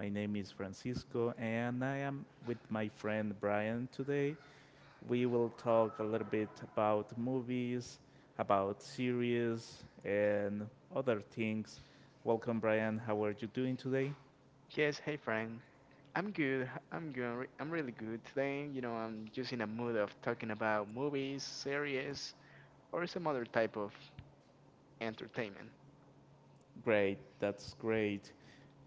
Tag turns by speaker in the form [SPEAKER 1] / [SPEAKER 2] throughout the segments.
[SPEAKER 1] My name is Francisco and I am with my friend Brian today. We will talk a little bit about movies, about series, and other things. Welcome, Brian. How are you doing today?
[SPEAKER 2] Yes, hey Frank. I'm good. I'm good. I'm really good today. You know, I'm just in a mood of talking about movies, series, or some other type of entertainment.
[SPEAKER 1] Great, that's great.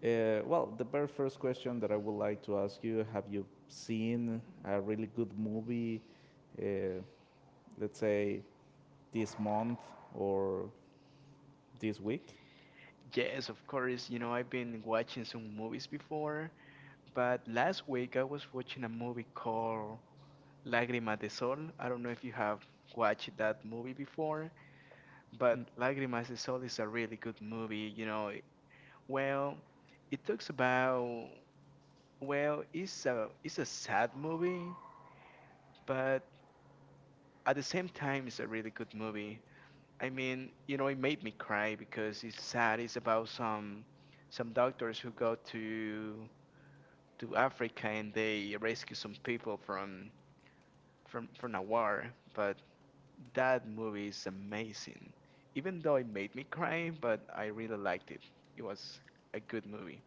[SPEAKER 1] The very first question that I would like to ask you, have you seen a really good movie, uh, let's say this month or this week?
[SPEAKER 2] Yes, of course. You know, I've been watching some movies before, but last week I was watching a movie called Lágrimas de Sol. I don't know if you have watched that movie before,
[SPEAKER 1] Mm.
[SPEAKER 2] but Lágrimas de Sol is a really good movie. You know, well, it talks about it's a sad movie, but at the same time, it's a really good movie. I mean, you know, it made me cry because it's sad. It's about some doctors who go to Africa and they rescue some people from a war. But that movie is amazing. Even though it made me cry, but I really liked it. It was a good movie.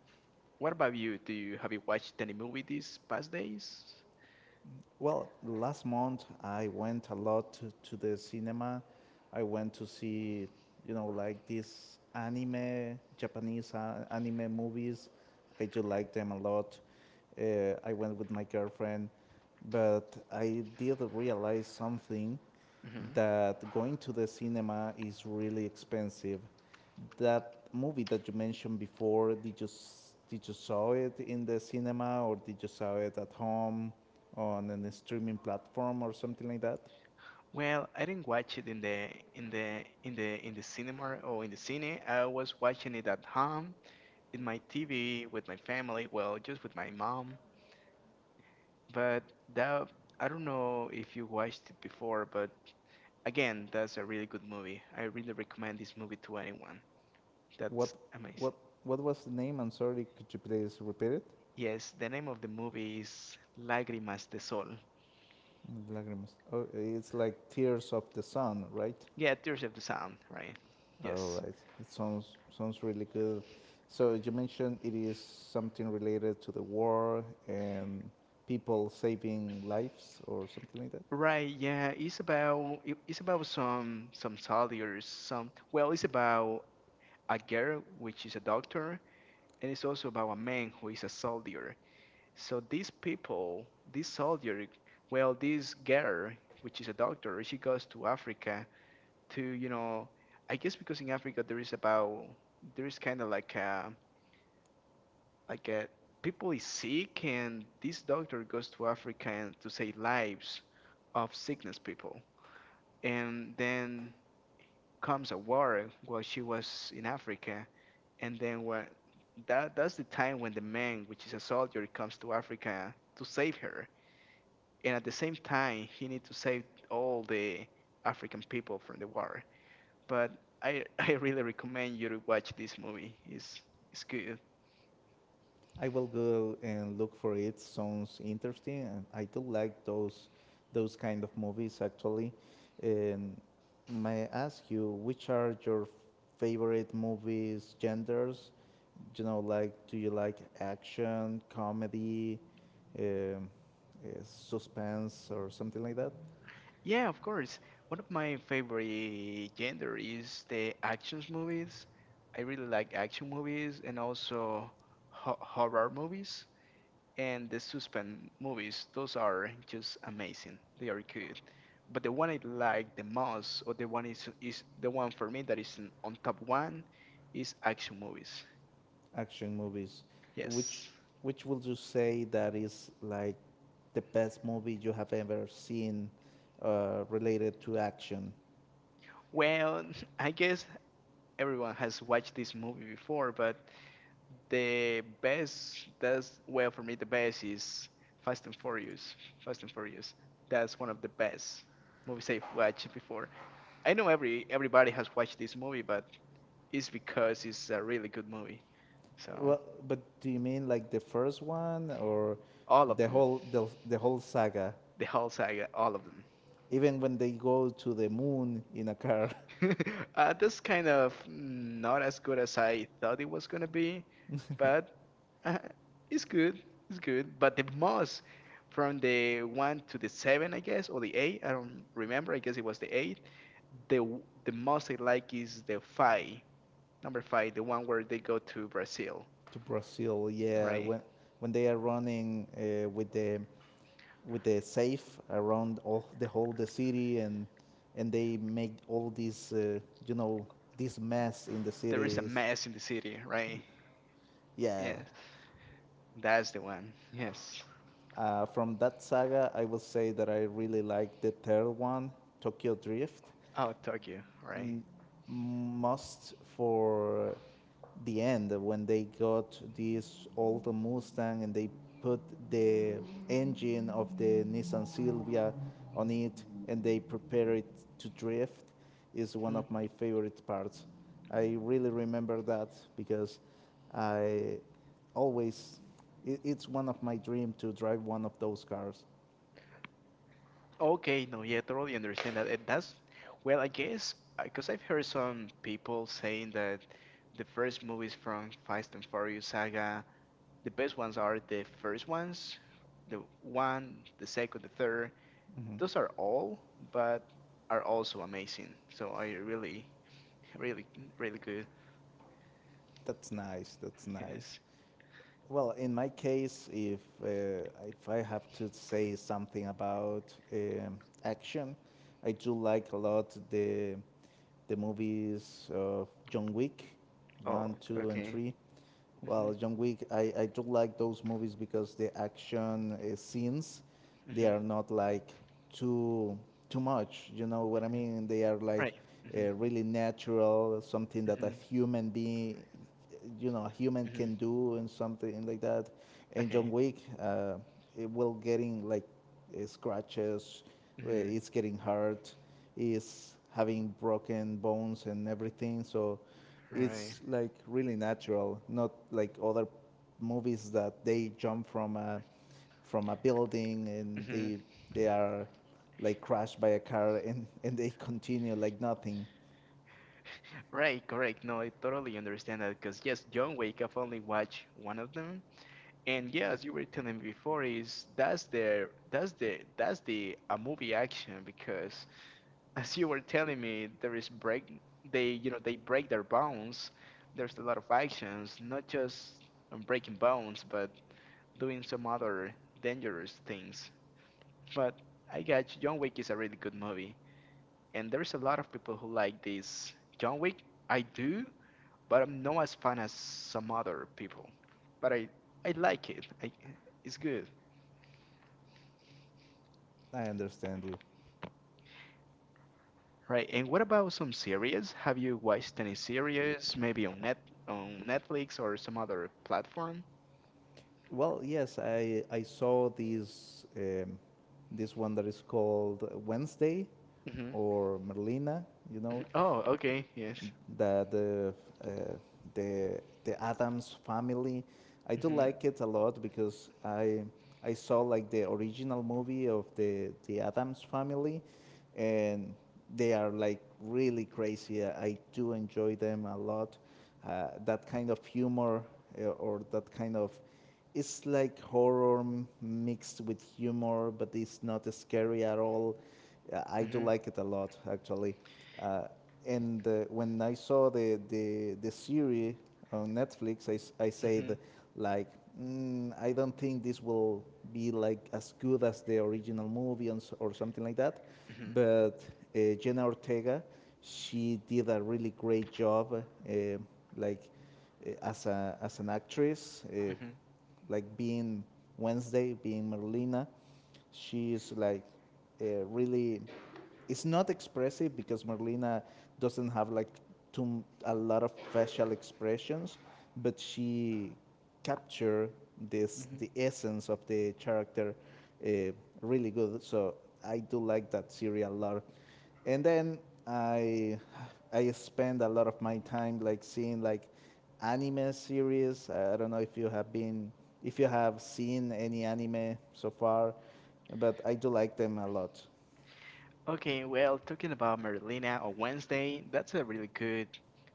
[SPEAKER 2] What about you? Do you have you watched any movie these past days?
[SPEAKER 1] Well, last month I went a lot to the cinema. I went to see, you know, like these anime, Japanese anime movies. I do like them a lot. I went with my girlfriend, but I did realize something,
[SPEAKER 2] hmm
[SPEAKER 1] that going to the cinema is really expensive. That movie that you mentioned before, did you did you saw it in the cinema or did you saw it at home on an streaming platform or something like that?
[SPEAKER 2] Well, I didn't watch it in the cinema or in the cine. I was watching it at home in my TV with my family. Well, just with my mom. But that, I don't know if you watched it before, but again, that's a really good movie. I really recommend this movie to anyone.
[SPEAKER 1] What
[SPEAKER 2] That's
[SPEAKER 1] what
[SPEAKER 2] amazing.
[SPEAKER 1] what was the name? I'm sorry. Could you please repeat it?
[SPEAKER 2] Yes, the name of the movie is Lágrimas de Sol.
[SPEAKER 1] Lágrimas. Oh, it's like Tears of the Sun, right?
[SPEAKER 2] Yeah, Tears of the Sun, right?
[SPEAKER 1] All
[SPEAKER 2] Yes.
[SPEAKER 1] right. It sounds sounds really good. So you mentioned it is something related to the war and people saving lives or something like that.
[SPEAKER 2] Right, yeah, it's about some soldiers, it's about a girl which is a doctor, and it's also about a man who is a soldier. So these people, this soldier, well, this girl which is a doctor, she goes to Africa to, you know, I guess because in Africa there is kind of like a people is sick, and this doctor goes to Africa and to save lives of sickness people. And then comes a war while she was in Africa, and then what that that's the time when the man, which is a soldier, comes to Africa to save her, and at the same time he needs to save all the African people from the war. But I I really recommend you to watch this movie. It's good.
[SPEAKER 1] I will go and look for it. Sounds interesting, and I do like those kind of movies, actually. And may I ask you, which are your favorite movies genders, you know, like, do you like action, comedy, um, suspense, or something like that?
[SPEAKER 2] Yeah, of course. One of my favorite gender is the action movies. I really like action movies and also horror movies, and the suspense movies. Those are just amazing. They are good, but the one I like the most, or the one is the one for me that is on top one, is action movies.
[SPEAKER 1] Action movies. Which
[SPEAKER 2] Yes,
[SPEAKER 1] which would you say that is like the best movie you have ever seen, related to action?
[SPEAKER 2] well, I guess everyone has watched this movie before, but the best, that's, well, for me the best is Fast and Furious. Fast and Furious, that's one of the best movies I've watched before. I know everybody has watched this movie, but is because it's a really good movie. So
[SPEAKER 1] Well, but do you mean like the first one or
[SPEAKER 2] all of them,
[SPEAKER 1] the whole saga?
[SPEAKER 2] the whole saga, all of
[SPEAKER 1] Even when they go to the moon in a car
[SPEAKER 2] them. That's kind of not as good as I thought it was gonna be, but uh, it's good. It's good. But the most, from the one to the seven, I guess, or the eight. I don't remember. I guess it was the eight. The most I like is the five, number five, the one where they go to Brazil,
[SPEAKER 1] to Brazil, yeah,
[SPEAKER 2] right?
[SPEAKER 1] when they are running, with the safe around all the whole the city, and they make all this, you know this mess in the
[SPEAKER 2] There is a
[SPEAKER 1] cities,
[SPEAKER 2] mess in the city, right?
[SPEAKER 1] yeah,
[SPEAKER 2] Yes, that's the one. Yes.
[SPEAKER 1] from that saga I would say that I really like the third one, Tokyo Drift.
[SPEAKER 2] Oh, Tokyo, right.
[SPEAKER 1] Must for the end, when they got this old Mustang and they put the engine of the Nissan Silvia on it and they prepare it to drift, is one
[SPEAKER 2] Mm.
[SPEAKER 1] of my favorite parts. I really remember that because I always it's one of my dream to drive one of those cars.
[SPEAKER 2] Okay, no, yeah, totally understand that. It does. Well, I guess because I've heard some people saying that the first movies from Fast and Furious saga, the best ones are the first ones, the one, the second, the third.
[SPEAKER 1] Mhm.
[SPEAKER 2] Those are all, but are also amazing. So I really, really, really good.
[SPEAKER 1] That's nice. That's nice.
[SPEAKER 2] Yes.
[SPEAKER 1] Well, in my case, if I have to say something about action, I do like a lot the movies of John Wick, one,
[SPEAKER 2] Oh,
[SPEAKER 1] two, and
[SPEAKER 2] okay.
[SPEAKER 1] three.
[SPEAKER 2] Mm-hmm,
[SPEAKER 1] Well, John Wick, I do like those movies because the action scenes, they
[SPEAKER 2] mm-hmm,
[SPEAKER 1] are not like too too much. You know what I
[SPEAKER 2] mm-hmm.
[SPEAKER 1] mean? They are like,
[SPEAKER 2] Right. Mm-hmm,
[SPEAKER 1] really natural, something that a
[SPEAKER 2] mm-hmm,
[SPEAKER 1] human being, you know, a human
[SPEAKER 2] mm-hmm.
[SPEAKER 1] can do, and something like that. And John
[SPEAKER 2] Okay.
[SPEAKER 1] Wick, it will getting like, scratches.
[SPEAKER 2] Mm-hmm.
[SPEAKER 1] It's getting hurt. Is having broken bones and everything. So
[SPEAKER 2] Right.
[SPEAKER 1] it's like really natural, not like other movies that they jump from a building and
[SPEAKER 2] Hmm.
[SPEAKER 1] they are like crashed by a car and they continue like nothing.
[SPEAKER 2] Right, correct. No, I totally understand that because yes, John Wick, I've only watched one of them, and yeah, as you were telling me before, is that's the that's the that's the a movie action because, as you were telling me, there is break they, you know, they break their bones. There's a lot of actions, not just breaking bones, but doing some other dangerous things. But I got you. John Wick is a really good movie, and there's a lot of people who like this John Wick. I do, but I'm not as fun as some other people. But I like it. It's good,
[SPEAKER 1] I understand you.
[SPEAKER 2] right? And what about some series? Have you watched any series, maybe on Netflix or some other platform?
[SPEAKER 1] Well, yes, I saw this, this one that is called Wednesday
[SPEAKER 2] hmm
[SPEAKER 1] or Merlina, you know,
[SPEAKER 2] Mhm. Oh, okay, yes.
[SPEAKER 1] that the, uh, the Adams family. I do
[SPEAKER 2] Mhm,
[SPEAKER 1] like it a lot because I saw like the original movie of the Adams family, and they are like really crazy. I do enjoy them a lot. That kind of humor, or that kind of, it's like horror mixed with humor, but it's not scary at all. I do
[SPEAKER 2] mhm,
[SPEAKER 1] like it a lot, actually. Uh, and when I saw the, the series on Netflix, I, I said,
[SPEAKER 2] mhm,
[SPEAKER 1] like, mm, I don't think this will be like as good as the original movie, and, or something like that.
[SPEAKER 2] mhm,
[SPEAKER 1] But Jenna Ortega, she did a really great job, uh, like as a as an actress.
[SPEAKER 2] mhm,
[SPEAKER 1] Like being Wednesday, being Merlina, she's like, really. It's not expressive because Merlina doesn't have like too a lot of facial expressions, but she capture this
[SPEAKER 2] mhm.
[SPEAKER 1] the essence of the character, uh, really good. So I do like that series a lot. And then I I spend a lot of my time like seeing like anime series. I don't know if you have been, if you have seen any anime so far, but I do like them a lot.
[SPEAKER 2] Okay, well, talking about Merlina on Wednesday, that's a really good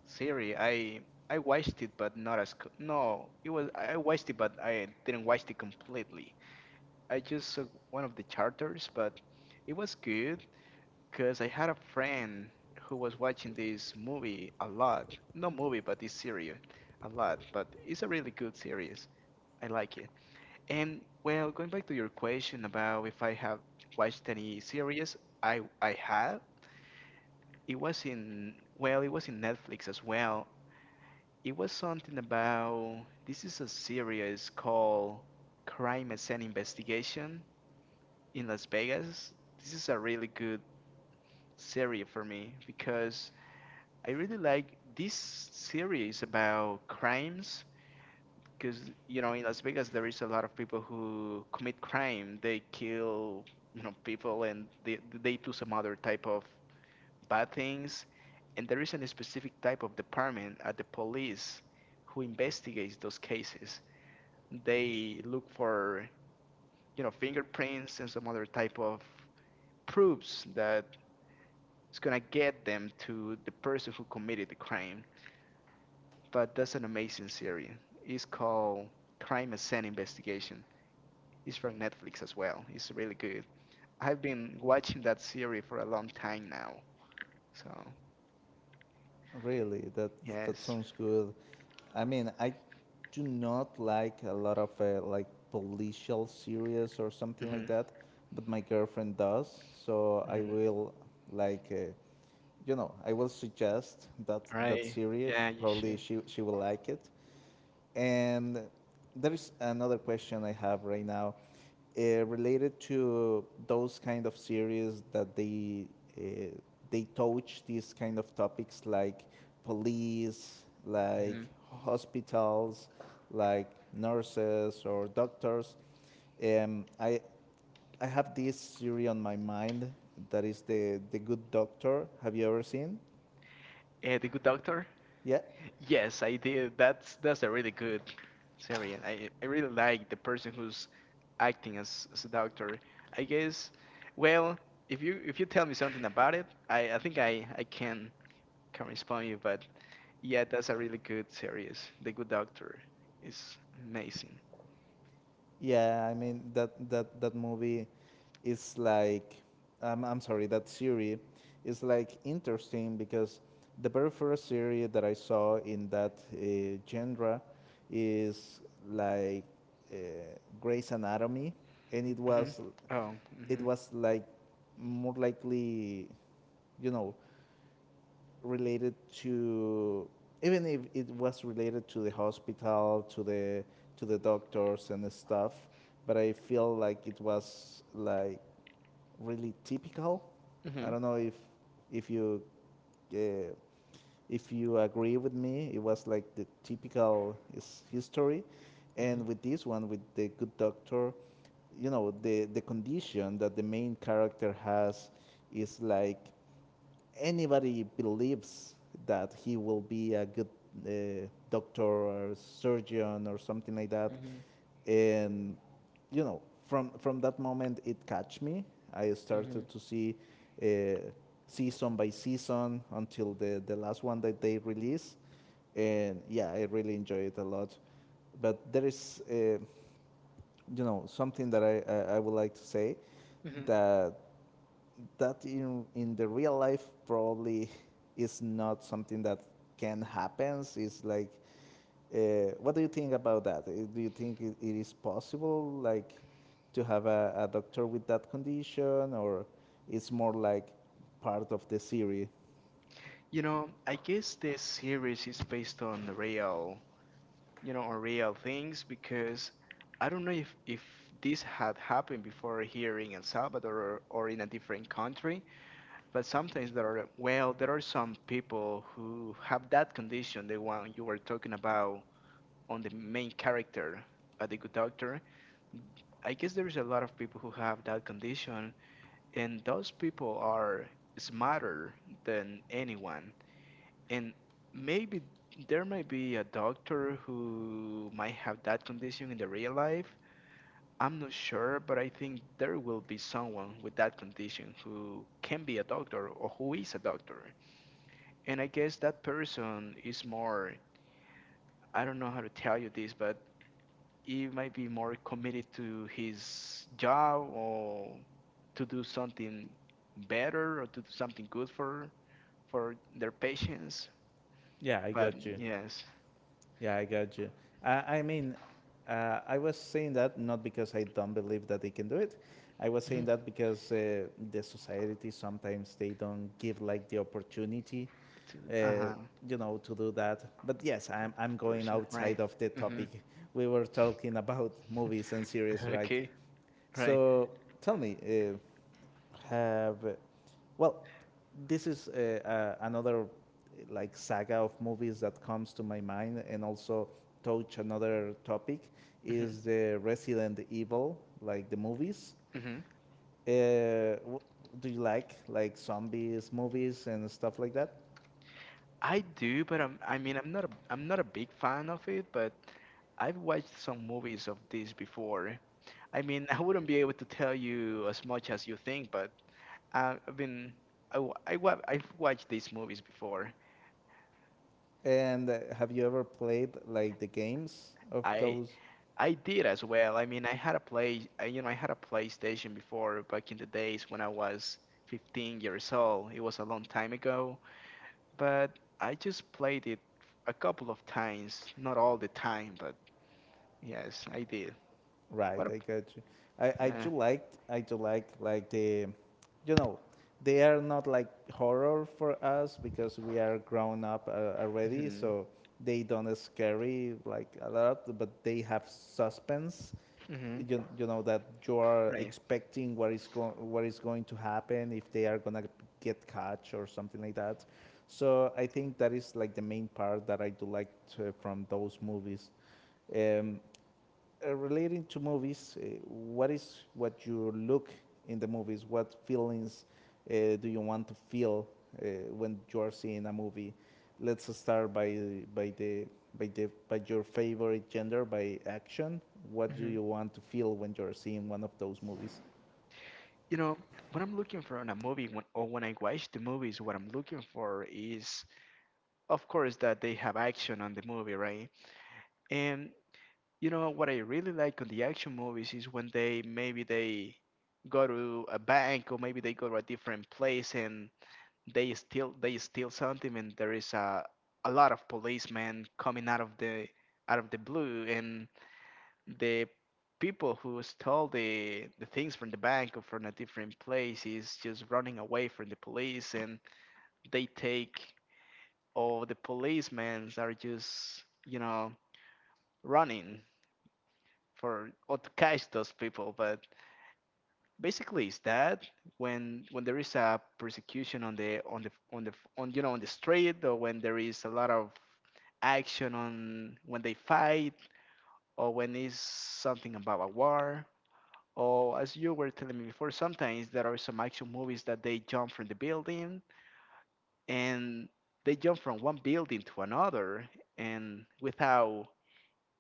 [SPEAKER 2] series. I watched it, but not as co- no, it was I watched it, but I didn't watch it completely. I just saw one of the charters, but it was good because I had a friend who was watching this movie a lot. Not movie, but this series a lot. But it's a really good series. I like it. And well, going back to your question about if I have watched any series, I have. It was in, well, it was in Netflix as well. It was something about, this is a series called Crime as an Investigation in Las Vegas. This is a really good series for me because I really like this series about crimes. Because you know, in Las Vegas, there is a lot of people who commit crime. They kill, you know, people, and they do some other type of bad things. And there is a specific type of department at the police who investigates those cases. They look for, you know, fingerprints and some other type of proofs that it's gonna get them to the person who committed the crime. But that's an amazing series. It's called Crime Scene Investigation. It's from Netflix as well. It's really good. I've been watching that series for a long time now. So
[SPEAKER 1] Really, that
[SPEAKER 2] yes.
[SPEAKER 1] sounds good. I mean, I do not like a lot of, like policial series or something like
[SPEAKER 2] Mhm.
[SPEAKER 1] that, but my girlfriend does. So I
[SPEAKER 2] Mhm.
[SPEAKER 1] will like. I will suggest that
[SPEAKER 2] All
[SPEAKER 1] that
[SPEAKER 2] right.
[SPEAKER 1] series.
[SPEAKER 2] Yeah, you
[SPEAKER 1] Probably
[SPEAKER 2] should.
[SPEAKER 1] she will like it. And there is another question I have right now, related to those kind of series that they, uh, they touch these kind of topics like police, like
[SPEAKER 2] Mhm.
[SPEAKER 1] hospitals, like nurses or doctors. Um, I I have this series on my mind that is the Good Doctor. Have you ever seen?
[SPEAKER 2] The Good Doctor.
[SPEAKER 1] Yeah.
[SPEAKER 2] Yes, I did. That's a really good series. I really like the person who's acting as a doctor. I guess. Well, if you, if you tell me something about it, I think I can respond you. But yeah, that's a really good series. The Good Doctor is amazing.
[SPEAKER 1] Yeah, I mean that that movie is like, I'm sorry, that series is like interesting, because the very first series that I saw in that, genre is like, uh, Grey's Anatomy, and it
[SPEAKER 2] Hmm.
[SPEAKER 1] was,
[SPEAKER 2] Oh.
[SPEAKER 1] it
[SPEAKER 2] Hmm.
[SPEAKER 1] was like more likely, you know, related to, even if it was related to the hospital, to the doctors and the stuff, but I feel like it was like really typical. I
[SPEAKER 2] Hmm.
[SPEAKER 1] don't know if you, uh, if you agree with me, it was like the typical is history, and with this one, with the Good Doctor, you know, the condition that the main character has is like anybody believes that he will be a good, doctor or surgeon or something like that,
[SPEAKER 2] Hmm. Hmm.
[SPEAKER 1] and you know, from that moment it catch me. I started to see, uh, season by season until the last one that they released, and yeah, I really enjoy it a lot. But there is. Something that I would like to say
[SPEAKER 2] Hmm.
[SPEAKER 1] that that in the real life probably is not something that can happen. It's like, uh, what do you think about that? Do you think it is possible, like, to have a doctor with that condition, or it's more like part of the theory?
[SPEAKER 2] You know, I guess this series is based on the real, you know, unreal things because I don't know if this had happened before here in El Salvador, or in a different country, but sometimes there are, well, there are some people who have that condition, the one you were talking about on the main character, the good doctor. I guess there is a lot of people who have that condition, and those people are smarter than anyone, and maybe there may be a doctor who might have that condition in the real life. I'm not sure, but I think there will be someone with that condition who can be a doctor or who is a doctor. And I guess that person is more, I don't know how to tell you this, but he might be more committed to his job or to do something better or to do something good for their patients.
[SPEAKER 1] Yeah, I
[SPEAKER 2] But
[SPEAKER 1] got you.
[SPEAKER 2] yes.
[SPEAKER 1] Yeah, I got you. I mean, I was saying that not because I don't believe that they can do it. I was saying that because, the society sometimes they don't give like the opportunity,
[SPEAKER 2] To
[SPEAKER 1] uh, you know, to do that. But yes, I'm going
[SPEAKER 2] person, right?
[SPEAKER 1] outside of the
[SPEAKER 2] Hmm.
[SPEAKER 1] topic. We were talking about movies and series, right?
[SPEAKER 2] Okay. Right.
[SPEAKER 1] So tell me, uh, have, well this is, another like saga of movies that comes to my mind and also touch another topic, is
[SPEAKER 2] Hmm.
[SPEAKER 1] the Resident Evil, like the movies,
[SPEAKER 2] Hmm.
[SPEAKER 1] uh, w- do you like, zombies movies and stuff like that,
[SPEAKER 2] I do, but I'm, I mean, I'm not a big fan of it, but I've watched some movies of this before. I mean, I wouldn't be able to tell you as much as you think, but I mean, I've watched these movies before.
[SPEAKER 1] and have you ever played like the games of
[SPEAKER 2] I
[SPEAKER 1] those?
[SPEAKER 2] I did as well. I mean, I had a play, I, you know, I had a PlayStation before back in the days when I was 15 years old. It was a long time ago, but I just played it a couple of times, not all the time, but yes, I did.
[SPEAKER 1] Right,
[SPEAKER 2] What? A,
[SPEAKER 1] I got you. I do
[SPEAKER 2] yeah.
[SPEAKER 1] like, like the, you know, they are not like horror for us because we are grown up, already,
[SPEAKER 2] Mhm.
[SPEAKER 1] so they don't scary like a lot, but they have suspense.
[SPEAKER 2] Mhm.
[SPEAKER 1] You know that you are
[SPEAKER 2] Right.
[SPEAKER 1] expecting what is going, what is going to happen, if they are gonna get caught or something like that. So I think that is like the main part that I do like to, from those movies. Um, Relating to movies, what is what you look in the movies? What feelings, do you want to feel, when you are seeing a movie? Let's start by the by the by your favorite gender, by action. What do
[SPEAKER 2] Mhm.
[SPEAKER 1] you want to feel when you are seeing one of those movies?
[SPEAKER 2] You know, what I'm looking for in a movie, when, or when I watch the movies, what I'm looking for is, of course, that they have action on the movie, right? And you know what I really like on the action movies is when they, maybe they go to a bank or maybe they go to a different place and they steal. They steal something, and there is a lot of policemen coming out of the blue, and the people who stole the things from the bank or from a different place is just running away from the police, and they take all the policemen are just running for or to catch those people. But basically is that when there is a persecution on the street, or when there is a lot of action on when they fight, or when it's something about a war, or as you were telling me before, sometimes there are some action movies that they jump from the building and they jump from one building to another, and without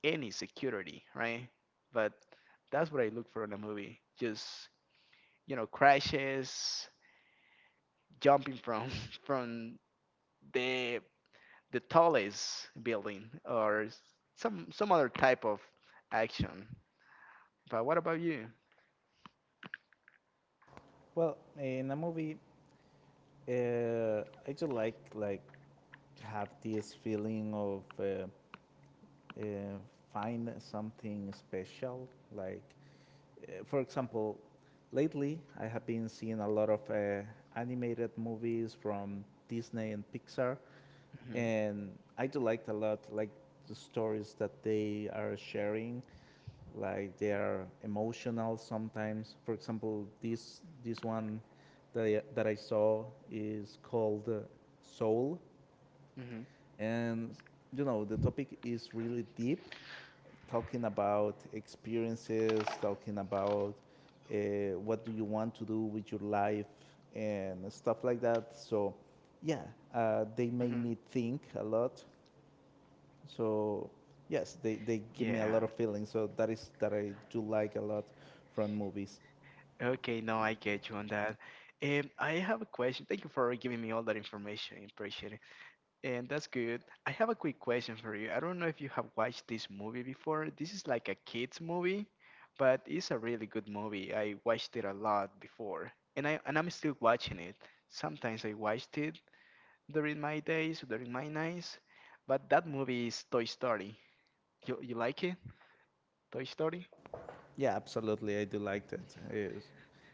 [SPEAKER 2] any security, right? But that's what I look for in a movie, just crashes, jumping from from the the tallest building or some other type of action. But what about you?
[SPEAKER 1] Well, in a movie, I just like, have this feeling of. Uh, Find something special. Like, for example, lately I have been seeing a lot of, animated movies from Disney and Pixar,
[SPEAKER 2] Mhm,
[SPEAKER 1] and I do like a lot like the stories that they are sharing. Like they are emotional sometimes. For example, this that I saw, is called, Soul,
[SPEAKER 2] mhm,
[SPEAKER 1] and you know the topic is really deep, talking about experiences, talking about, uh, what do you want to do with your life and stuff like that. So yeah, they make
[SPEAKER 2] mhm.
[SPEAKER 1] me think a lot. So yes, they give me a
[SPEAKER 2] Yeah.
[SPEAKER 1] lot of feelings, so that is that I do like a lot from movies.
[SPEAKER 2] Okay, no, I get you on that. I have a question. Thank you for giving me all that information. Appreciate. And that's good. I have a quick question for you. I don't know if you have watched this movie before. This is like a kids movie, but it's a really good movie. I watched it a lot before, and I'm still watching it. Sometimes I watched it during my days, during my nights, but that movie is Toy Story. You like it? Toy Story?
[SPEAKER 1] Yeah, absolutely. I do liked it.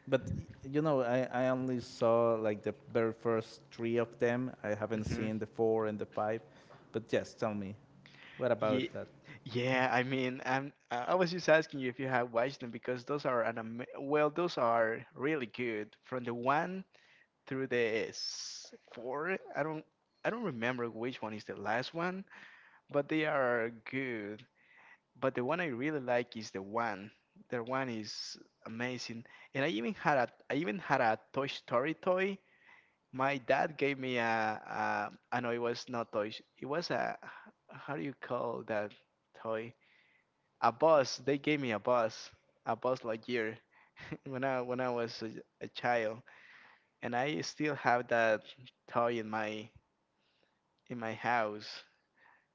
[SPEAKER 1] But you know, I only saw like the very first three of them. I haven't
[SPEAKER 2] Mm-hmm.
[SPEAKER 1] seen the four and the five. But yes, tell me, what about
[SPEAKER 2] Yeah,
[SPEAKER 1] that?
[SPEAKER 2] yeah. I mean, I was just asking you if you have watched them, because those are well, those are really good. From the one through four. I don't remember which one is the last one, but they are good. But the one I really like is the one. The one is amazing, and I even had a Toy Story toy. My dad gave me a I know it was not toy. It was a, how do you call that toy? A bus. They gave me a bus Lightyear when I was a child, and I still have that toy in my house,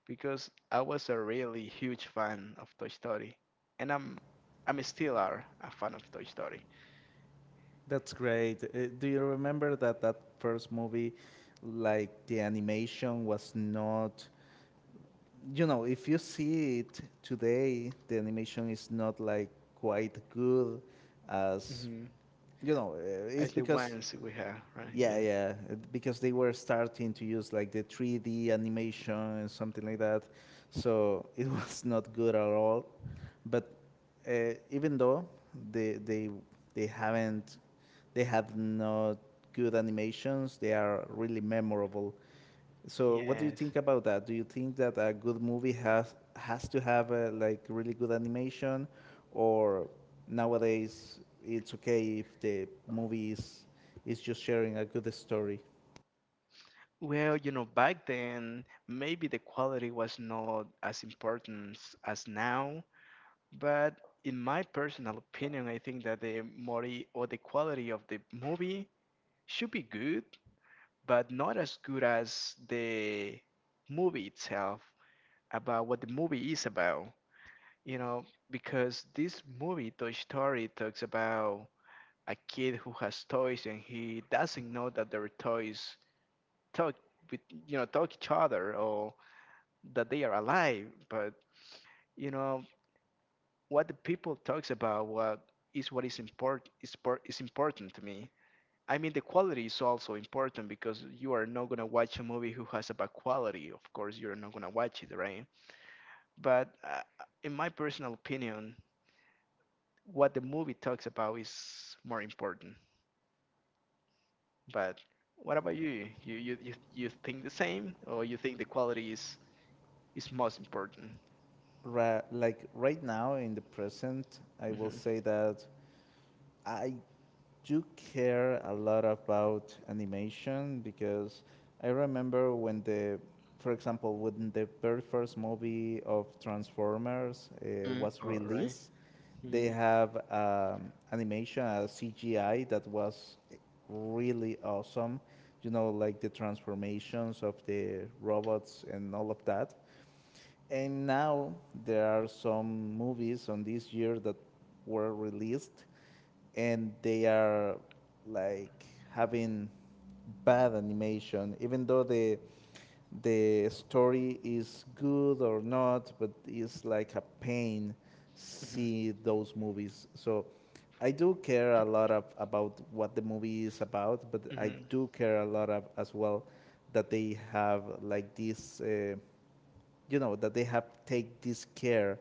[SPEAKER 2] because I was a really huge fan of Toy Story, and I'm still are a fan of Toy Story.
[SPEAKER 1] That's great. Do you remember that first movie? Like, the animation was not — if you see it today, the animation is not like quite good as,
[SPEAKER 2] Hmm.
[SPEAKER 1] you know, uh, it's
[SPEAKER 2] As the
[SPEAKER 1] because,
[SPEAKER 2] ones we have, right?
[SPEAKER 1] yeah,
[SPEAKER 2] Yeah.
[SPEAKER 1] yeah, because they were starting to use like the 3D animation and something like that. So it was not good at all. But even though they, they, they haven't, they have not good animations, they are really memorable. So, what do you
[SPEAKER 2] Yes.
[SPEAKER 1] think about that? Do you think that a good movie has to have a, like, really good animation, or nowadays it's okay if the movie is just sharing a good story?
[SPEAKER 2] Well, back then maybe the quality was not as important as now, but in my personal opinion, I think that the mori or the quality of the movie should be good, but not as good as the movie itself, about what the movie is about, you know, because this movie, Toy Story, talks about a kid who has toys and he doesn't know that their toys talk with you know talk each other, or that they are alive. But you know what the people talks about, what is important is important to me. I mean, the quality is also important because you are not going to watch a movie who has a bad quality. Of course you're not going to watch it, right? But in my personal opinion, what the movie talks about is more important. But what about you? You think the same, or you think the quality is most important?
[SPEAKER 1] Like right now in the present, I will
[SPEAKER 2] Mm-hmm.
[SPEAKER 1] say that I do care a lot about animation, because I remember for example, when the very first movie of Transformers
[SPEAKER 2] Mm,
[SPEAKER 1] was
[SPEAKER 2] all right.
[SPEAKER 1] released, they
[SPEAKER 2] Mm-hmm.
[SPEAKER 1] have animation, a CGI that was really awesome. Like the transformations of the robots and all of that. And now there are some movies on this year that were released, and they are like having bad animation, even though the story is good or not, but it's like a pain
[SPEAKER 2] Mm-hmm.
[SPEAKER 1] see those movies. So I do care a lot of, about what the movie is about, but I
[SPEAKER 2] Mm-hmm.
[SPEAKER 1] do care a lot of, as well, that they have like this, that they have take this care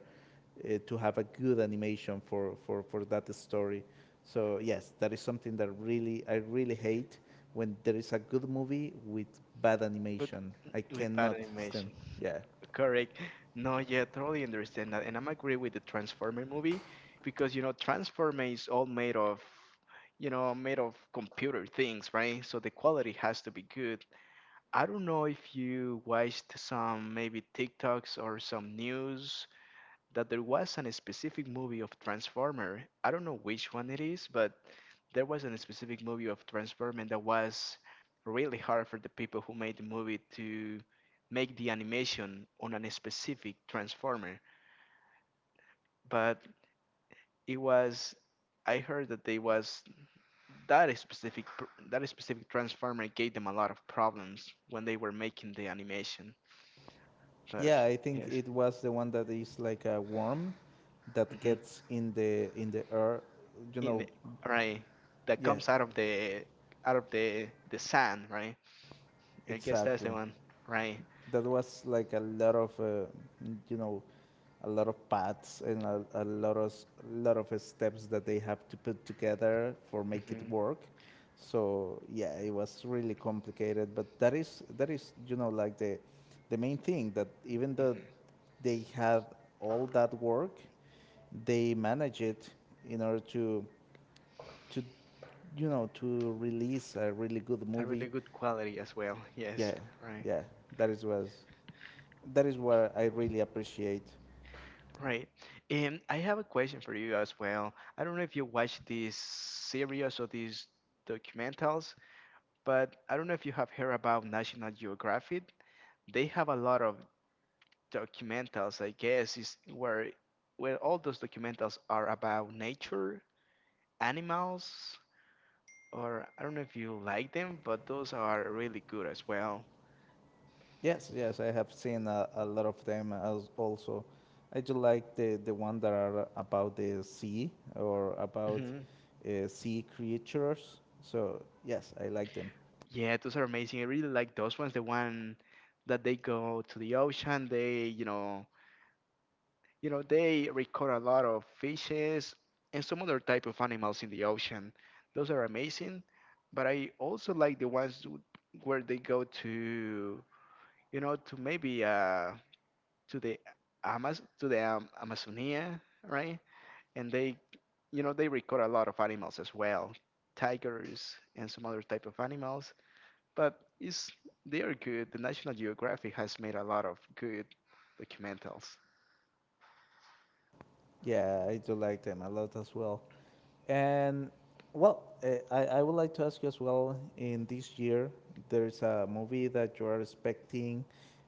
[SPEAKER 1] to have a good animation for that story. So yes, that is something that really I really hate, when there is a good movie with bad
[SPEAKER 2] But
[SPEAKER 1] animation. I
[SPEAKER 2] with bad
[SPEAKER 1] cannot stand.
[SPEAKER 2] animation,
[SPEAKER 1] Yeah,
[SPEAKER 2] correct? No, yeah, totally understand that, and I'm agree with the Transformer movie, because Transformer is all made of computer things, right? So the quality has to be good. I don't know if you watched some maybe TikToks or some news that there was a specific movie of Transformer. I don't know which one it is, but there was a specific movie of Transformer that was really hard for the people who made the movie to make the animation on a specific Transformer. But it was I heard that they was that specific pr- that specific Transformer gave them a lot of problems when they were making the animation. Right.
[SPEAKER 1] yeah. I think
[SPEAKER 2] Yes.
[SPEAKER 1] it was the one that is like a worm that
[SPEAKER 2] Hmm.
[SPEAKER 1] gets in the air. You
[SPEAKER 2] In the,
[SPEAKER 1] know,
[SPEAKER 2] right. That
[SPEAKER 1] yeah,
[SPEAKER 2] comes out of the sand, right? I guess that's the
[SPEAKER 1] exactly.
[SPEAKER 2] one. Right.
[SPEAKER 1] That was like a lot of you know a lot of paths and a lot of lot of steps that they have to put together for make it
[SPEAKER 2] Hmm.
[SPEAKER 1] work. So yeah, it was really complicated. But that is, like the main thing, that even though they had all that work, they manage it in order to to release a really good
[SPEAKER 2] A
[SPEAKER 1] movie.
[SPEAKER 2] really good quality as well. Yes.
[SPEAKER 1] Yeah,
[SPEAKER 2] Right.
[SPEAKER 1] yeah, that is was that is what I really appreciate.
[SPEAKER 2] Right. And I have a question for you as well. I don't know if you watch these series or these documentals, but I don't know if you have heard about National Geographic. They have a lot of documentals, I guess, is where all those documentals are about nature, animals, or I don't know if you like them, but those are really good as well.
[SPEAKER 1] Yes, yes, I have seen a lot of them, as also I just like the one that are about the sea or about
[SPEAKER 2] Hmm.
[SPEAKER 1] sea creatures. So yes, I like them.
[SPEAKER 2] Yeah, those are amazing. I really like those ones. The one that they go to the ocean, they you know they record a lot of fishes and some other type of animals in the ocean. Those are amazing. But I also like the ones where they go to you know to maybe to the to the Amazonia, right? And they, they record a lot of animals as well, tigers and some other type of animals. But it's they are good. The National Geographic has made a lot of good documentals.
[SPEAKER 1] Yeah, I do like them a lot as well. And well, I would like to ask you as well, in this year, there's a movie that you are expecting.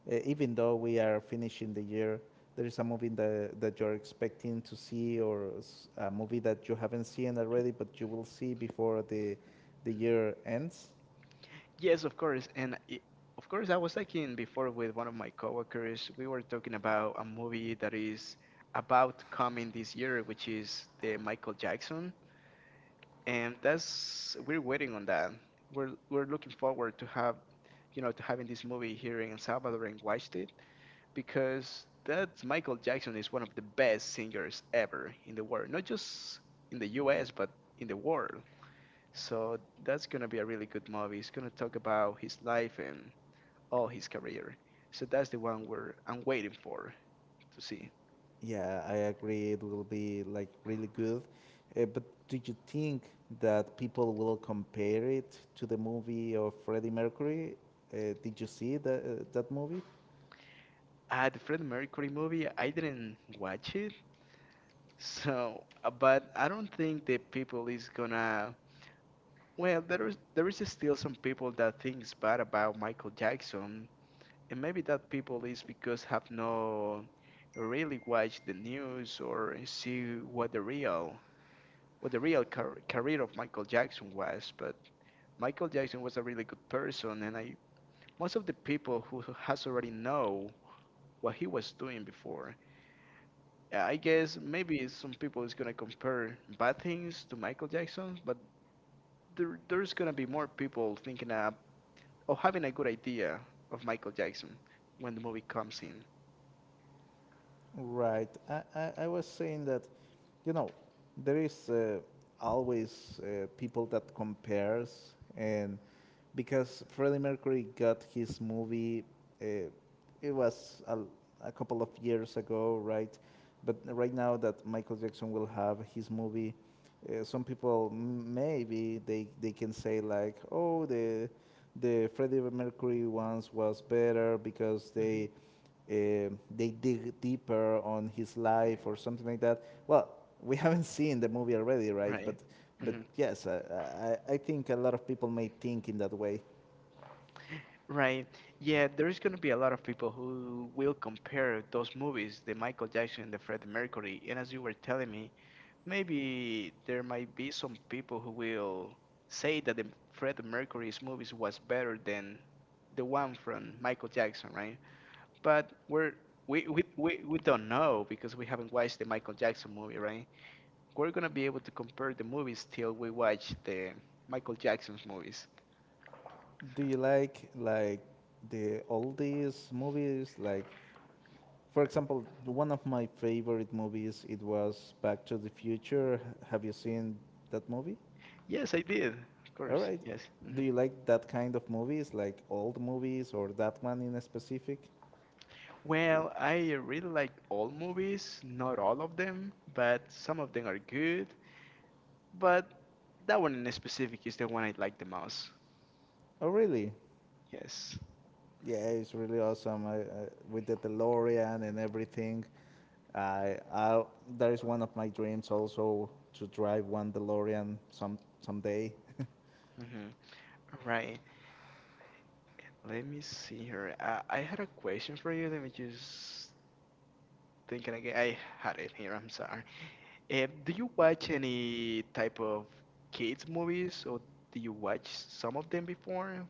[SPEAKER 1] Even though we are finishing the year, there is a movie that you're expecting to see, or a movie that you haven't seen already, but you will see before the year ends.
[SPEAKER 2] Yes, of course, and it, of course, I was talking before with one of my coworkers. We were talking about a movie that is about coming this year, which is the Michael Jackson, and that's we're waiting on that. We're looking forward to have you know to having this movie here in El Salvador and watched it, because that's Michael Jackson is one of the best singers ever in the world, not just in the U.S. but in the world. So that's gonna be a really good movie. It's gonna talk about his life and all his career. So that's the one we're I'm waiting for to see.
[SPEAKER 1] Yeah, I agree. It will be like really good. But do you think that people will compare it to the movie of Freddie Mercury? Did you see that movie?
[SPEAKER 2] The Freddie Mercury movie, I didn't watch it. So, but I don't think the people is gonna. Well, there is still some people that thinks bad about Michael Jackson, and maybe that people is because have no really watched the news or see what the real career of Michael Jackson was. But Michael Jackson was a really good person, and I most of the people who has already know what he was doing before. I guess maybe some people is gonna compare bad things to Michael Jackson, but there's gonna be more people thinking of, or having a good idea of Michael Jackson when the movie comes in,
[SPEAKER 1] Right. I was saying that, you know, there is always people that compares, and because Freddie Mercury got his movie, uh, it was a couple of years ago, right? But right now that Michael Jackson will have his movie, some people maybe they can say like, oh, the Freddie Mercury ones was better because
[SPEAKER 2] hmm
[SPEAKER 1] uh, they dig deeper on his life or something like that. Well, we haven't seen the movie already, right?
[SPEAKER 2] right?
[SPEAKER 1] But
[SPEAKER 2] Hmm.
[SPEAKER 1] yes, I think a lot of people may think in that way.
[SPEAKER 2] Right. Yeah, there's gonna be a lot of people who will compare those movies, the Michael Jackson and the Freddie Mercury. And as you were telling me, maybe there might be some people who will say that the Freddie Mercury's movies was better than the one from Michael Jackson, right? But we don't know, because we haven't watched the Michael Jackson movie, right? We're gonna be able to compare the movies till we watch the Michael Jackson's movies.
[SPEAKER 1] Do you like the oldies movies, like... For example, one of my favorite movies, it was Back to the Future. Have you seen that movie?
[SPEAKER 2] Yes, I did. Of
[SPEAKER 1] All
[SPEAKER 2] course,
[SPEAKER 1] right.
[SPEAKER 2] yes. Hmm.
[SPEAKER 1] Do you like that kind of movies, like old movies, or that one in specific?
[SPEAKER 2] Well, I really like all movies, not all of them, but some of them are good. But that one in specific is the one I like the most.
[SPEAKER 1] Oh, really?
[SPEAKER 2] Yes.
[SPEAKER 1] Yeah, it's really awesome. With the DeLorean and everything, I that is one of my dreams also, to drive one DeLorean someday.
[SPEAKER 2] Mm-hmm. Right. Let me see here. I had a question for you. Let me just think again. I had it here. I'm sorry. Do you watch any type of kids movies, or do you watch some of them before,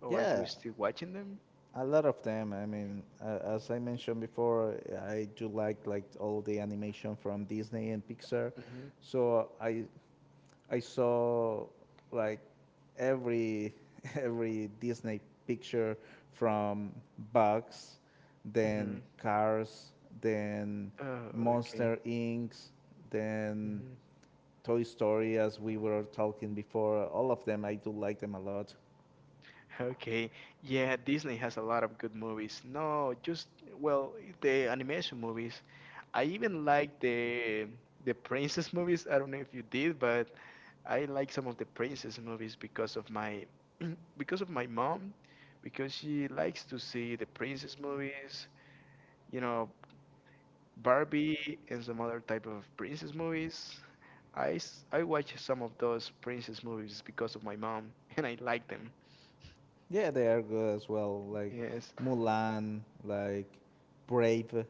[SPEAKER 2] or are you
[SPEAKER 1] Yeah,
[SPEAKER 2] still watching them?
[SPEAKER 1] a lot of them. I mean, as I mentioned before, I do like all the animation from Disney and Pixar.
[SPEAKER 2] Hmm.
[SPEAKER 1] So I saw like every every Disney picture, from Bugs, then
[SPEAKER 2] Hmm.
[SPEAKER 1] Cars, then
[SPEAKER 2] Oh, okay.
[SPEAKER 1] Monster Inc., then
[SPEAKER 2] Hmm.
[SPEAKER 1] Toy Story, as we were talking before. All of them, I do like them a lot.
[SPEAKER 2] Okay. Yeah, Disney has a lot of good movies. No, just well, the animation movies. I even like the princess movies. I don't know if you did, but I like some of the princess movies because of my mom, because she likes to see the princess movies, you know, Barbie and some other type of princess movies. I watch some of those princess movies because of my mom, and I like them.
[SPEAKER 1] Yeah, they are good as well. Like
[SPEAKER 2] Yes,
[SPEAKER 1] Mulan, like Brave,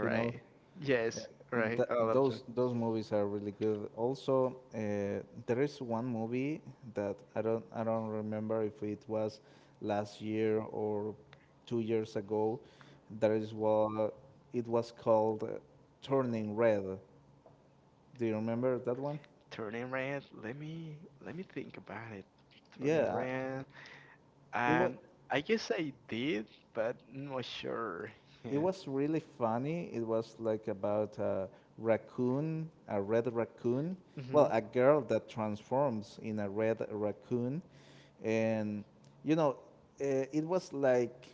[SPEAKER 1] you know.
[SPEAKER 2] Yes, right.
[SPEAKER 1] Th-
[SPEAKER 2] All of them.
[SPEAKER 1] those those movies are really good. Also, there is one movie that I don't remember if it was last year or 2 years ago. That is what it was called, Turning Red. Do you remember that one?
[SPEAKER 2] Turning red. Let me think about it. Turning
[SPEAKER 1] Yeah,
[SPEAKER 2] red.
[SPEAKER 1] it was.
[SPEAKER 2] Um, I guess I did, but not sure.
[SPEAKER 1] it
[SPEAKER 2] Yeah.
[SPEAKER 1] was really funny. It was like about a raccoon, a red raccoon. Well,
[SPEAKER 2] Mhm.
[SPEAKER 1] a girl that transforms in a red raccoon, and, you know, it was like,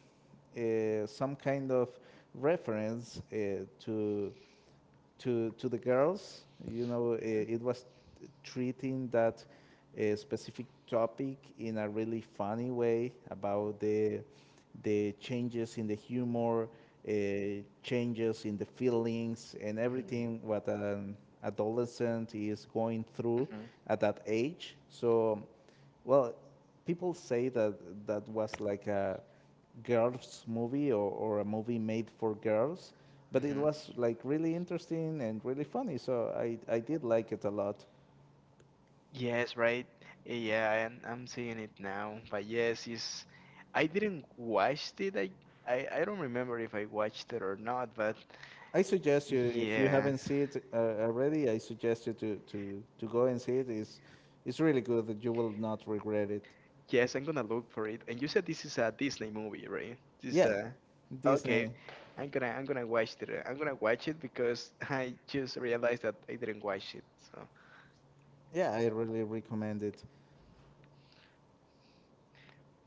[SPEAKER 1] some kind of reference to the girls. It was treating that, specific topic in a really funny way, about the changes in the humor, uh, changes in the feelings, and
[SPEAKER 2] Mhm.
[SPEAKER 1] everything what an adolescent is going through
[SPEAKER 2] Mhm.
[SPEAKER 1] at that age. So well, people say that that was like a girls' movie, or a movie made for girls, but it
[SPEAKER 2] Mhm.
[SPEAKER 1] was like really interesting and really funny. So I did like it a lot.
[SPEAKER 2] Yes, right. Yeah, I'm seeing it now. But yes, I didn't watch it. I don't remember if I watched it or not, but
[SPEAKER 1] I suggest you, if you
[SPEAKER 2] yeah.
[SPEAKER 1] haven't seen it already, I suggest you to go and see it. It's really good. That you will not regret it.
[SPEAKER 2] Yes, I'm gonna look for it. And you said this is a Disney movie, right?
[SPEAKER 1] Yeah,
[SPEAKER 2] Okay.
[SPEAKER 1] Disney.
[SPEAKER 2] I'm gonna watch it. I'm gonna watch it because I just realized that I didn't watch it. So
[SPEAKER 1] Yeah, I really recommend it.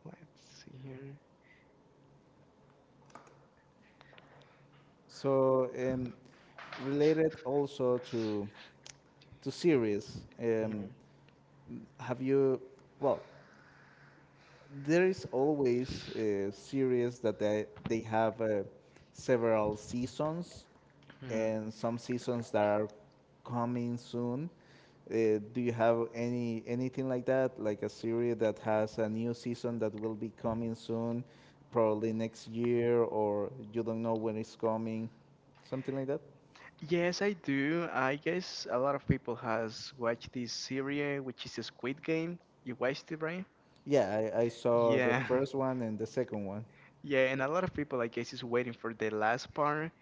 [SPEAKER 2] let's see here.
[SPEAKER 1] So, related also to series. Have you? Well, there is always a series that they have several seasons,
[SPEAKER 2] Mhm.
[SPEAKER 1] and some seasons that are coming soon. Do you have anything like that, like a series that has a new season that will be coming soon, probably next year, or you don't know when it's coming, something like that?
[SPEAKER 2] Yes, I do. I guess a lot of people has watched this series, which is Squid Game. You watched it, right?
[SPEAKER 1] Yeah, I saw the
[SPEAKER 2] Yeah,
[SPEAKER 1] first one and the second one.
[SPEAKER 2] yeah, and a lot of people, I guess, is waiting for the last part.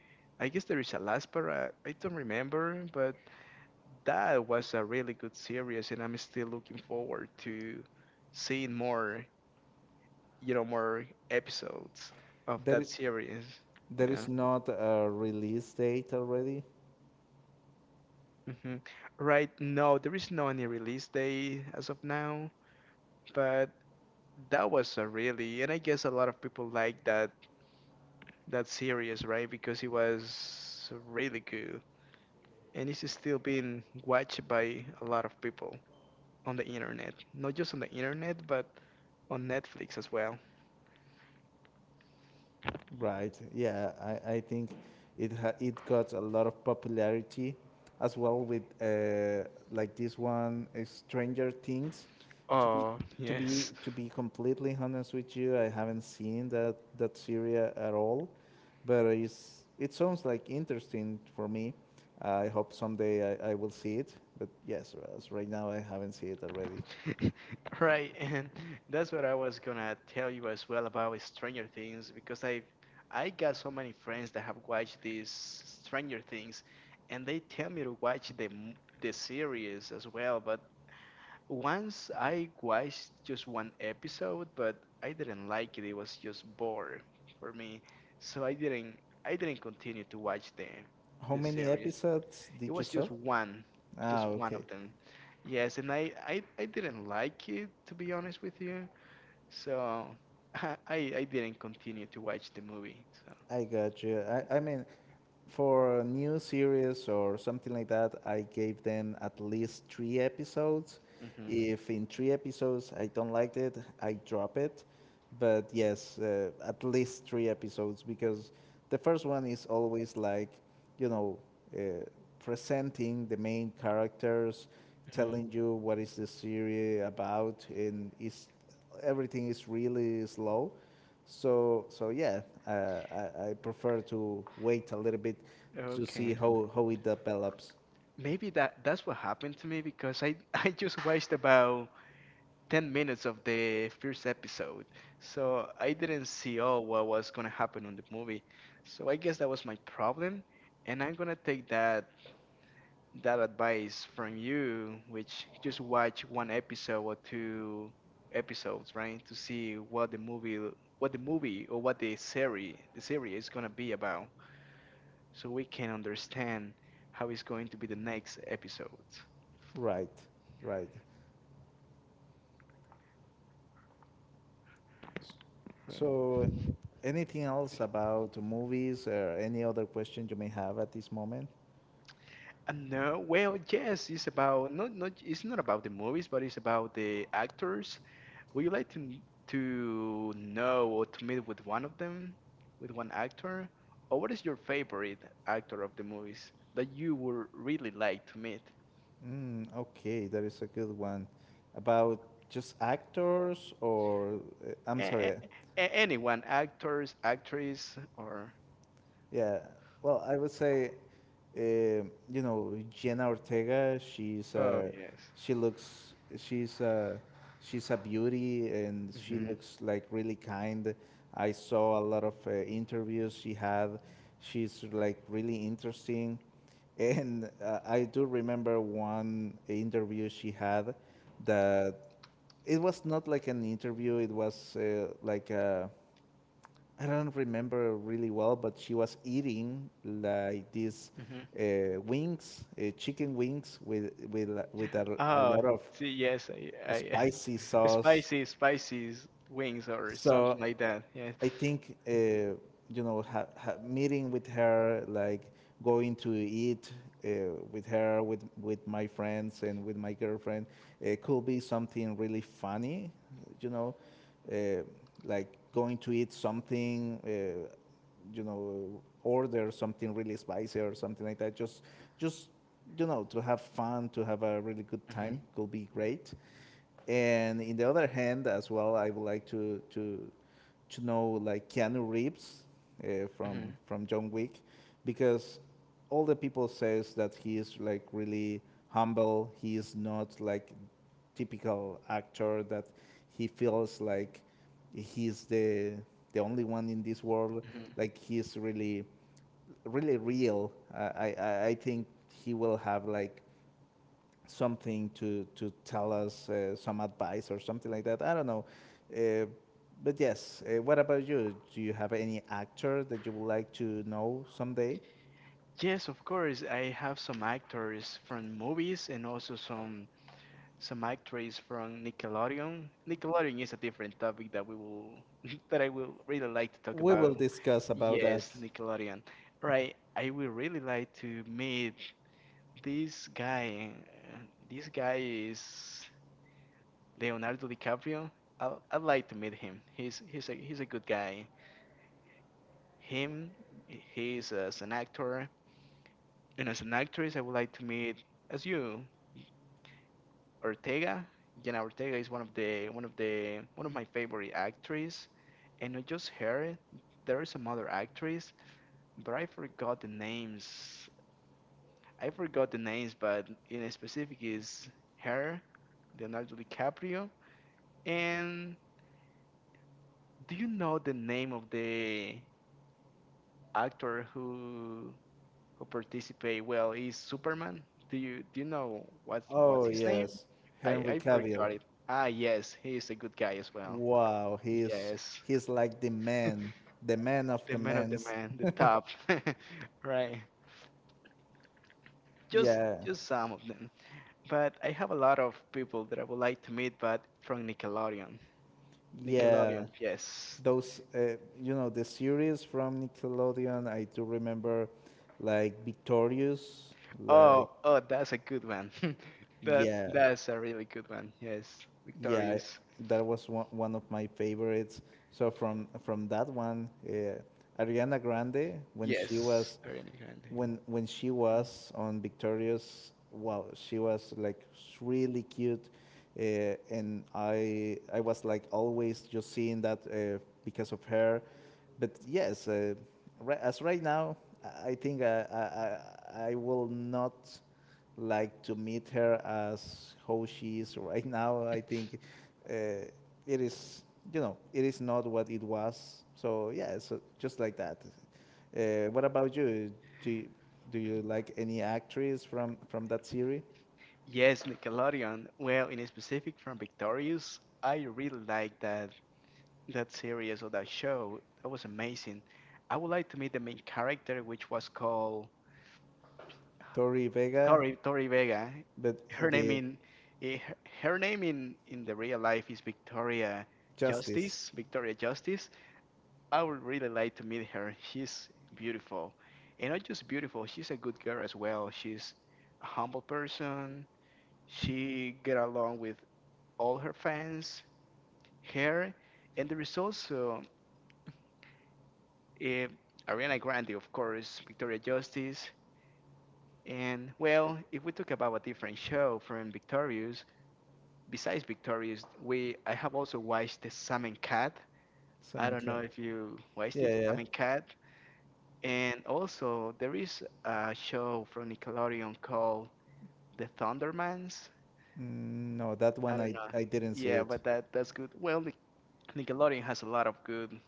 [SPEAKER 2] I guess there is a last part. I don't remember, but that was a really good series, and I'm still looking forward to seeing more episodes of
[SPEAKER 1] That
[SPEAKER 2] that
[SPEAKER 1] is,
[SPEAKER 2] series.
[SPEAKER 1] There
[SPEAKER 2] Yeah.
[SPEAKER 1] is not a release date already,
[SPEAKER 2] Mm-hmm. Right now, there is no any release date as of now. But that was a really, and I guess a lot of people like that series, right? Because it was really good, and it's still being watched by a lot of people on the internet. Not just on the internet, but on Netflix as well.
[SPEAKER 1] right? Yeah, I think it got a lot of popularity, as well with like this one, Stranger Things. To be
[SPEAKER 2] Oh,
[SPEAKER 1] to be
[SPEAKER 2] yes.
[SPEAKER 1] to be completely honest with you, I haven't seen that series at all, but it sounds like interesting for me. I hope someday I will see it, but yes, as right now I haven't seen it already.
[SPEAKER 2] Right, and that's what I was gonna tell you as well about Stranger Things because I got so many friends that have watched these Stranger Things, and they tell me to watch the series as well. But once I watched just one episode, but I didn't like it. It was just bored for me, so I didn't continue to watch the
[SPEAKER 1] How
[SPEAKER 2] the
[SPEAKER 1] many
[SPEAKER 2] series.
[SPEAKER 1] episodes
[SPEAKER 2] It
[SPEAKER 1] did you
[SPEAKER 2] was
[SPEAKER 1] saw?
[SPEAKER 2] just one, just one
[SPEAKER 1] Okay.
[SPEAKER 2] of them. Yes, and I didn't like it, to be honest with you. So I didn't continue to watch the movie. So.
[SPEAKER 1] I got you. I mean, for a new series or something like that, I gave them at least three episodes.
[SPEAKER 2] hmm
[SPEAKER 1] If in three episodes I don't like it, I drop it. But yes, at least three episodes, because the first one is always like, you know, uh, presenting the main characters,
[SPEAKER 2] hmm
[SPEAKER 1] telling you what is the series about, and everything is really slow. So yeah, I prefer to wait a little bit to see
[SPEAKER 2] Okay.
[SPEAKER 1] how it develops.
[SPEAKER 2] Maybe that's what happened to me, because I I just watched about 10 minutes of the first episode. So I didn't see all what was going to happen on the movie. So I guess that was my problem, and I'm going to take that advice from you, which just watch one episode or two episodes, right, to see what the movie or what the series is gonna be about, so we can understand how it's going to be the next episode.
[SPEAKER 1] Right, right. S-
[SPEAKER 2] Right.
[SPEAKER 1] so, anything else about movies or any other question you may have at this moment?
[SPEAKER 2] And no, well, yes, it's about not it's not about the movies, but it's about the actors. Would you like to know or to meet with one of them, with one actor, or what is your favorite actor of the movies that you would really like to meet?
[SPEAKER 1] Mm, okay, that is a good one. About just actors I'm
[SPEAKER 2] A-
[SPEAKER 1] sorry.
[SPEAKER 2] a- Anyone, actors, actress, or
[SPEAKER 1] Yeah. Well, I would say, Jenna Ortega.
[SPEAKER 2] oh yes.
[SPEAKER 1] She looks she's uh, she's a beauty, and she
[SPEAKER 2] hmm
[SPEAKER 1] looks like really kind. I saw a lot of interviews she had. She's like really interesting, and I do remember one interview she had that it was not like an interview. It was like a I don't remember really well, but she was eating like these
[SPEAKER 2] hmm
[SPEAKER 1] wings, chicken wings with a
[SPEAKER 2] Oh,
[SPEAKER 1] lot of
[SPEAKER 2] see, yes, I
[SPEAKER 1] spicy sauce.
[SPEAKER 2] spicy, spicy wings or
[SPEAKER 1] So
[SPEAKER 2] something like that. Yes.
[SPEAKER 1] I think, meeting with her, like going to eat with her, with my friends and with my girlfriend, it could be something really funny, you know, uh, like going to eat something, order something really spicy or something like that. Just to have fun, to have a really good
[SPEAKER 2] Mhm,
[SPEAKER 1] time could be great. And in the other hand, as well, I would like to know, like, Keanu Reeves from
[SPEAKER 2] mhm,
[SPEAKER 1] John Wick, because all the people says that he is like really humble. He is not like typical actor that he feels like he's the only one in this world.
[SPEAKER 2] mhm.
[SPEAKER 1] Like he's really really real. I think he will have like something to tell us, some advice or something like that. I don't know. Uh, but yes, what about you? Do you have any actor that you would like to know someday?
[SPEAKER 2] Yes, of course. I have some actors from movies and also some. So Mike Trey is from Nickelodeon. Nickelodeon is a different topic that we will that I will really like to talk
[SPEAKER 1] We
[SPEAKER 2] about.
[SPEAKER 1] will discuss about that.
[SPEAKER 2] Yes, Nickelodeon. Right, I would really like to meet this guy. uh, This guy is Leonardo DiCaprio. I'd like to meet him. He's a good guy. Him, he's as an actor and as an actress. I would like to meet as you. Ortega. Jenna Ortega is one of my favorite actresses, and not just her. There is some other actress, but I forgot the names. I forgot the names, but in specific is her, Leonardo DiCaprio. And do you know the name of the actor who participate? Well, is Superman. Do you know what's
[SPEAKER 1] Oh
[SPEAKER 2] his name?
[SPEAKER 1] yes,
[SPEAKER 2] I
[SPEAKER 1] Henry
[SPEAKER 2] I
[SPEAKER 1] Cavill.
[SPEAKER 2] forgot it. Ah, yes, he is a good guy as well.
[SPEAKER 1] Wow, he's
[SPEAKER 2] Yes,
[SPEAKER 1] he's like the man of
[SPEAKER 2] the
[SPEAKER 1] the
[SPEAKER 2] men of the
[SPEAKER 1] men's.
[SPEAKER 2] man, the top, right? Just
[SPEAKER 1] Yeah,
[SPEAKER 2] just some of them, but I have a lot of people that I would like to meet, but from Nickelodeon.
[SPEAKER 1] yeah.
[SPEAKER 2] Nickelodeon, yes.
[SPEAKER 1] Those, the series from Nickelodeon. I do remember, like Victorious, like...
[SPEAKER 2] Oh, oh, that's a good one. That
[SPEAKER 1] Yeah,
[SPEAKER 2] that's a really good one. Yes,
[SPEAKER 1] yeah,
[SPEAKER 2] Victorious.
[SPEAKER 1] that was one of my favorites. So from that one, Ariana Grande, when she
[SPEAKER 2] Yes,
[SPEAKER 1] was
[SPEAKER 2] Ariana Grande.
[SPEAKER 1] when when she was on Victorious. Wow, she was like really cute, and I was like always just seeing that because of her. But yes, as right now, I think I will not like to meet her as how she is right now. I think uh, it is, it is not what it was. So yeah, so just like that. What about you? Do you, do you like any actress from that series?
[SPEAKER 2] Yes, Nickelodeon. Well, in specific from Victorious, I really like that series or that show. That was amazing. I would like to meet the main character, which was called
[SPEAKER 1] Tori Vega,
[SPEAKER 2] Tori Vega.
[SPEAKER 1] but
[SPEAKER 2] Her name
[SPEAKER 1] the
[SPEAKER 2] in eh, her name in the real life is Victoria
[SPEAKER 1] Justice.
[SPEAKER 2] Justice. Victoria Justice. I would really like to meet her. She's beautiful, and not just beautiful. She's a good girl as well. She's a humble person. She get along with all her fans. Her, and there is also eh, Ariana Grande, of course, Victoria Justice. And well, if we talk about a different show from Victorious, besides Victorious, we I have also watched The Salmon Cat. I
[SPEAKER 1] Simon
[SPEAKER 2] don't know
[SPEAKER 1] Cowell.
[SPEAKER 2] if you watched it,
[SPEAKER 1] Yeah, yeah.
[SPEAKER 2] Salmon Cat. And also there is a show from Nickelodeon called The Thundermans.
[SPEAKER 1] Mm, no, that
[SPEAKER 2] I
[SPEAKER 1] one
[SPEAKER 2] don't
[SPEAKER 1] I,
[SPEAKER 2] know.
[SPEAKER 1] I didn't see
[SPEAKER 2] Yeah,
[SPEAKER 1] it.
[SPEAKER 2] but that's good. Well, Nickelodeon has a lot of good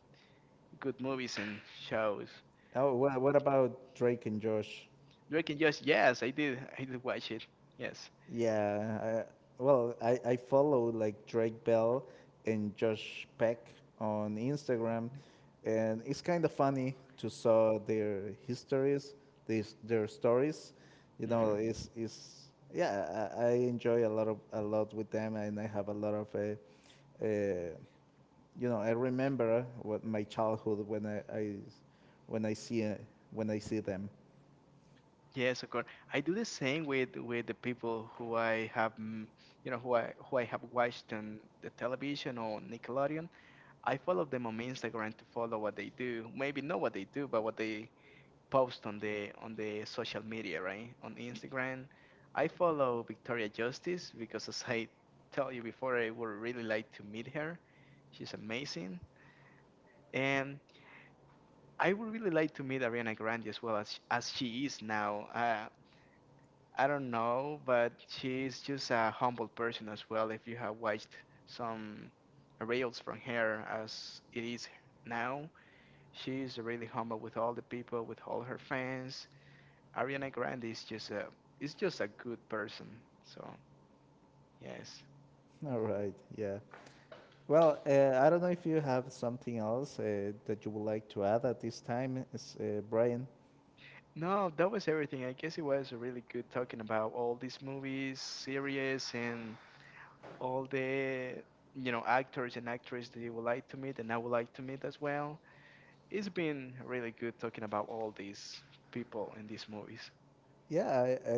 [SPEAKER 2] good movies and shows.
[SPEAKER 1] Oh, what about Drake and Josh?
[SPEAKER 2] Drake and Josh, yes, I did watch it. Yes.
[SPEAKER 1] Yeah, well, I follow like Drake Bell and Josh Peck on Instagram, and it's kind of funny to saw their histories, these their stories. You know, it's yeah, I enjoy a lot with them, and I have a lot of, uh, you know, I remember what my childhood when I when I see uh, when I see them.
[SPEAKER 2] Yes, of course. I do the same with the people who I have, who I have watched on the television or Nickelodeon. I follow them on Instagram to follow what they do. Maybe not what they do, but what they post on the social media, right? On Instagram, I follow Victoria Justice because, as I tell you before, I would really like to meet her. She's amazing, and I would really like to meet Ariana Grande as well as she is now. I don't know, but she's just a humble person as well. If you have watched some reels from her as it is now, she's really humble with all the people, with all her fans. Ariana Grande is just a good person. So yes.
[SPEAKER 1] All right, yeah. Well, I don't know if you have something else that you would like to add at this time, Brian.
[SPEAKER 2] No, that was everything. I guess it was really good talking about all these movies, series, and all the actors and actresses that you would like to meet, and I would like to meet as well. It's been really good talking about all these people in these movies.
[SPEAKER 1] Yeah, I,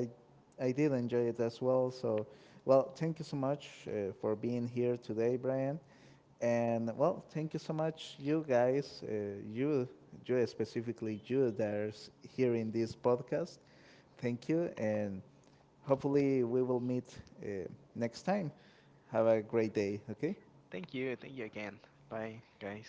[SPEAKER 1] I, I did enjoy it as well. So, well, thank you so much for being here today, Brian. And well, thank you so much, you guys, you, you specifically, you that are here in this podcast. Thank you, and hopefully we will meet uh, next time. Have a great day. Okay.
[SPEAKER 2] Thank you. Thank you again. Bye, guys.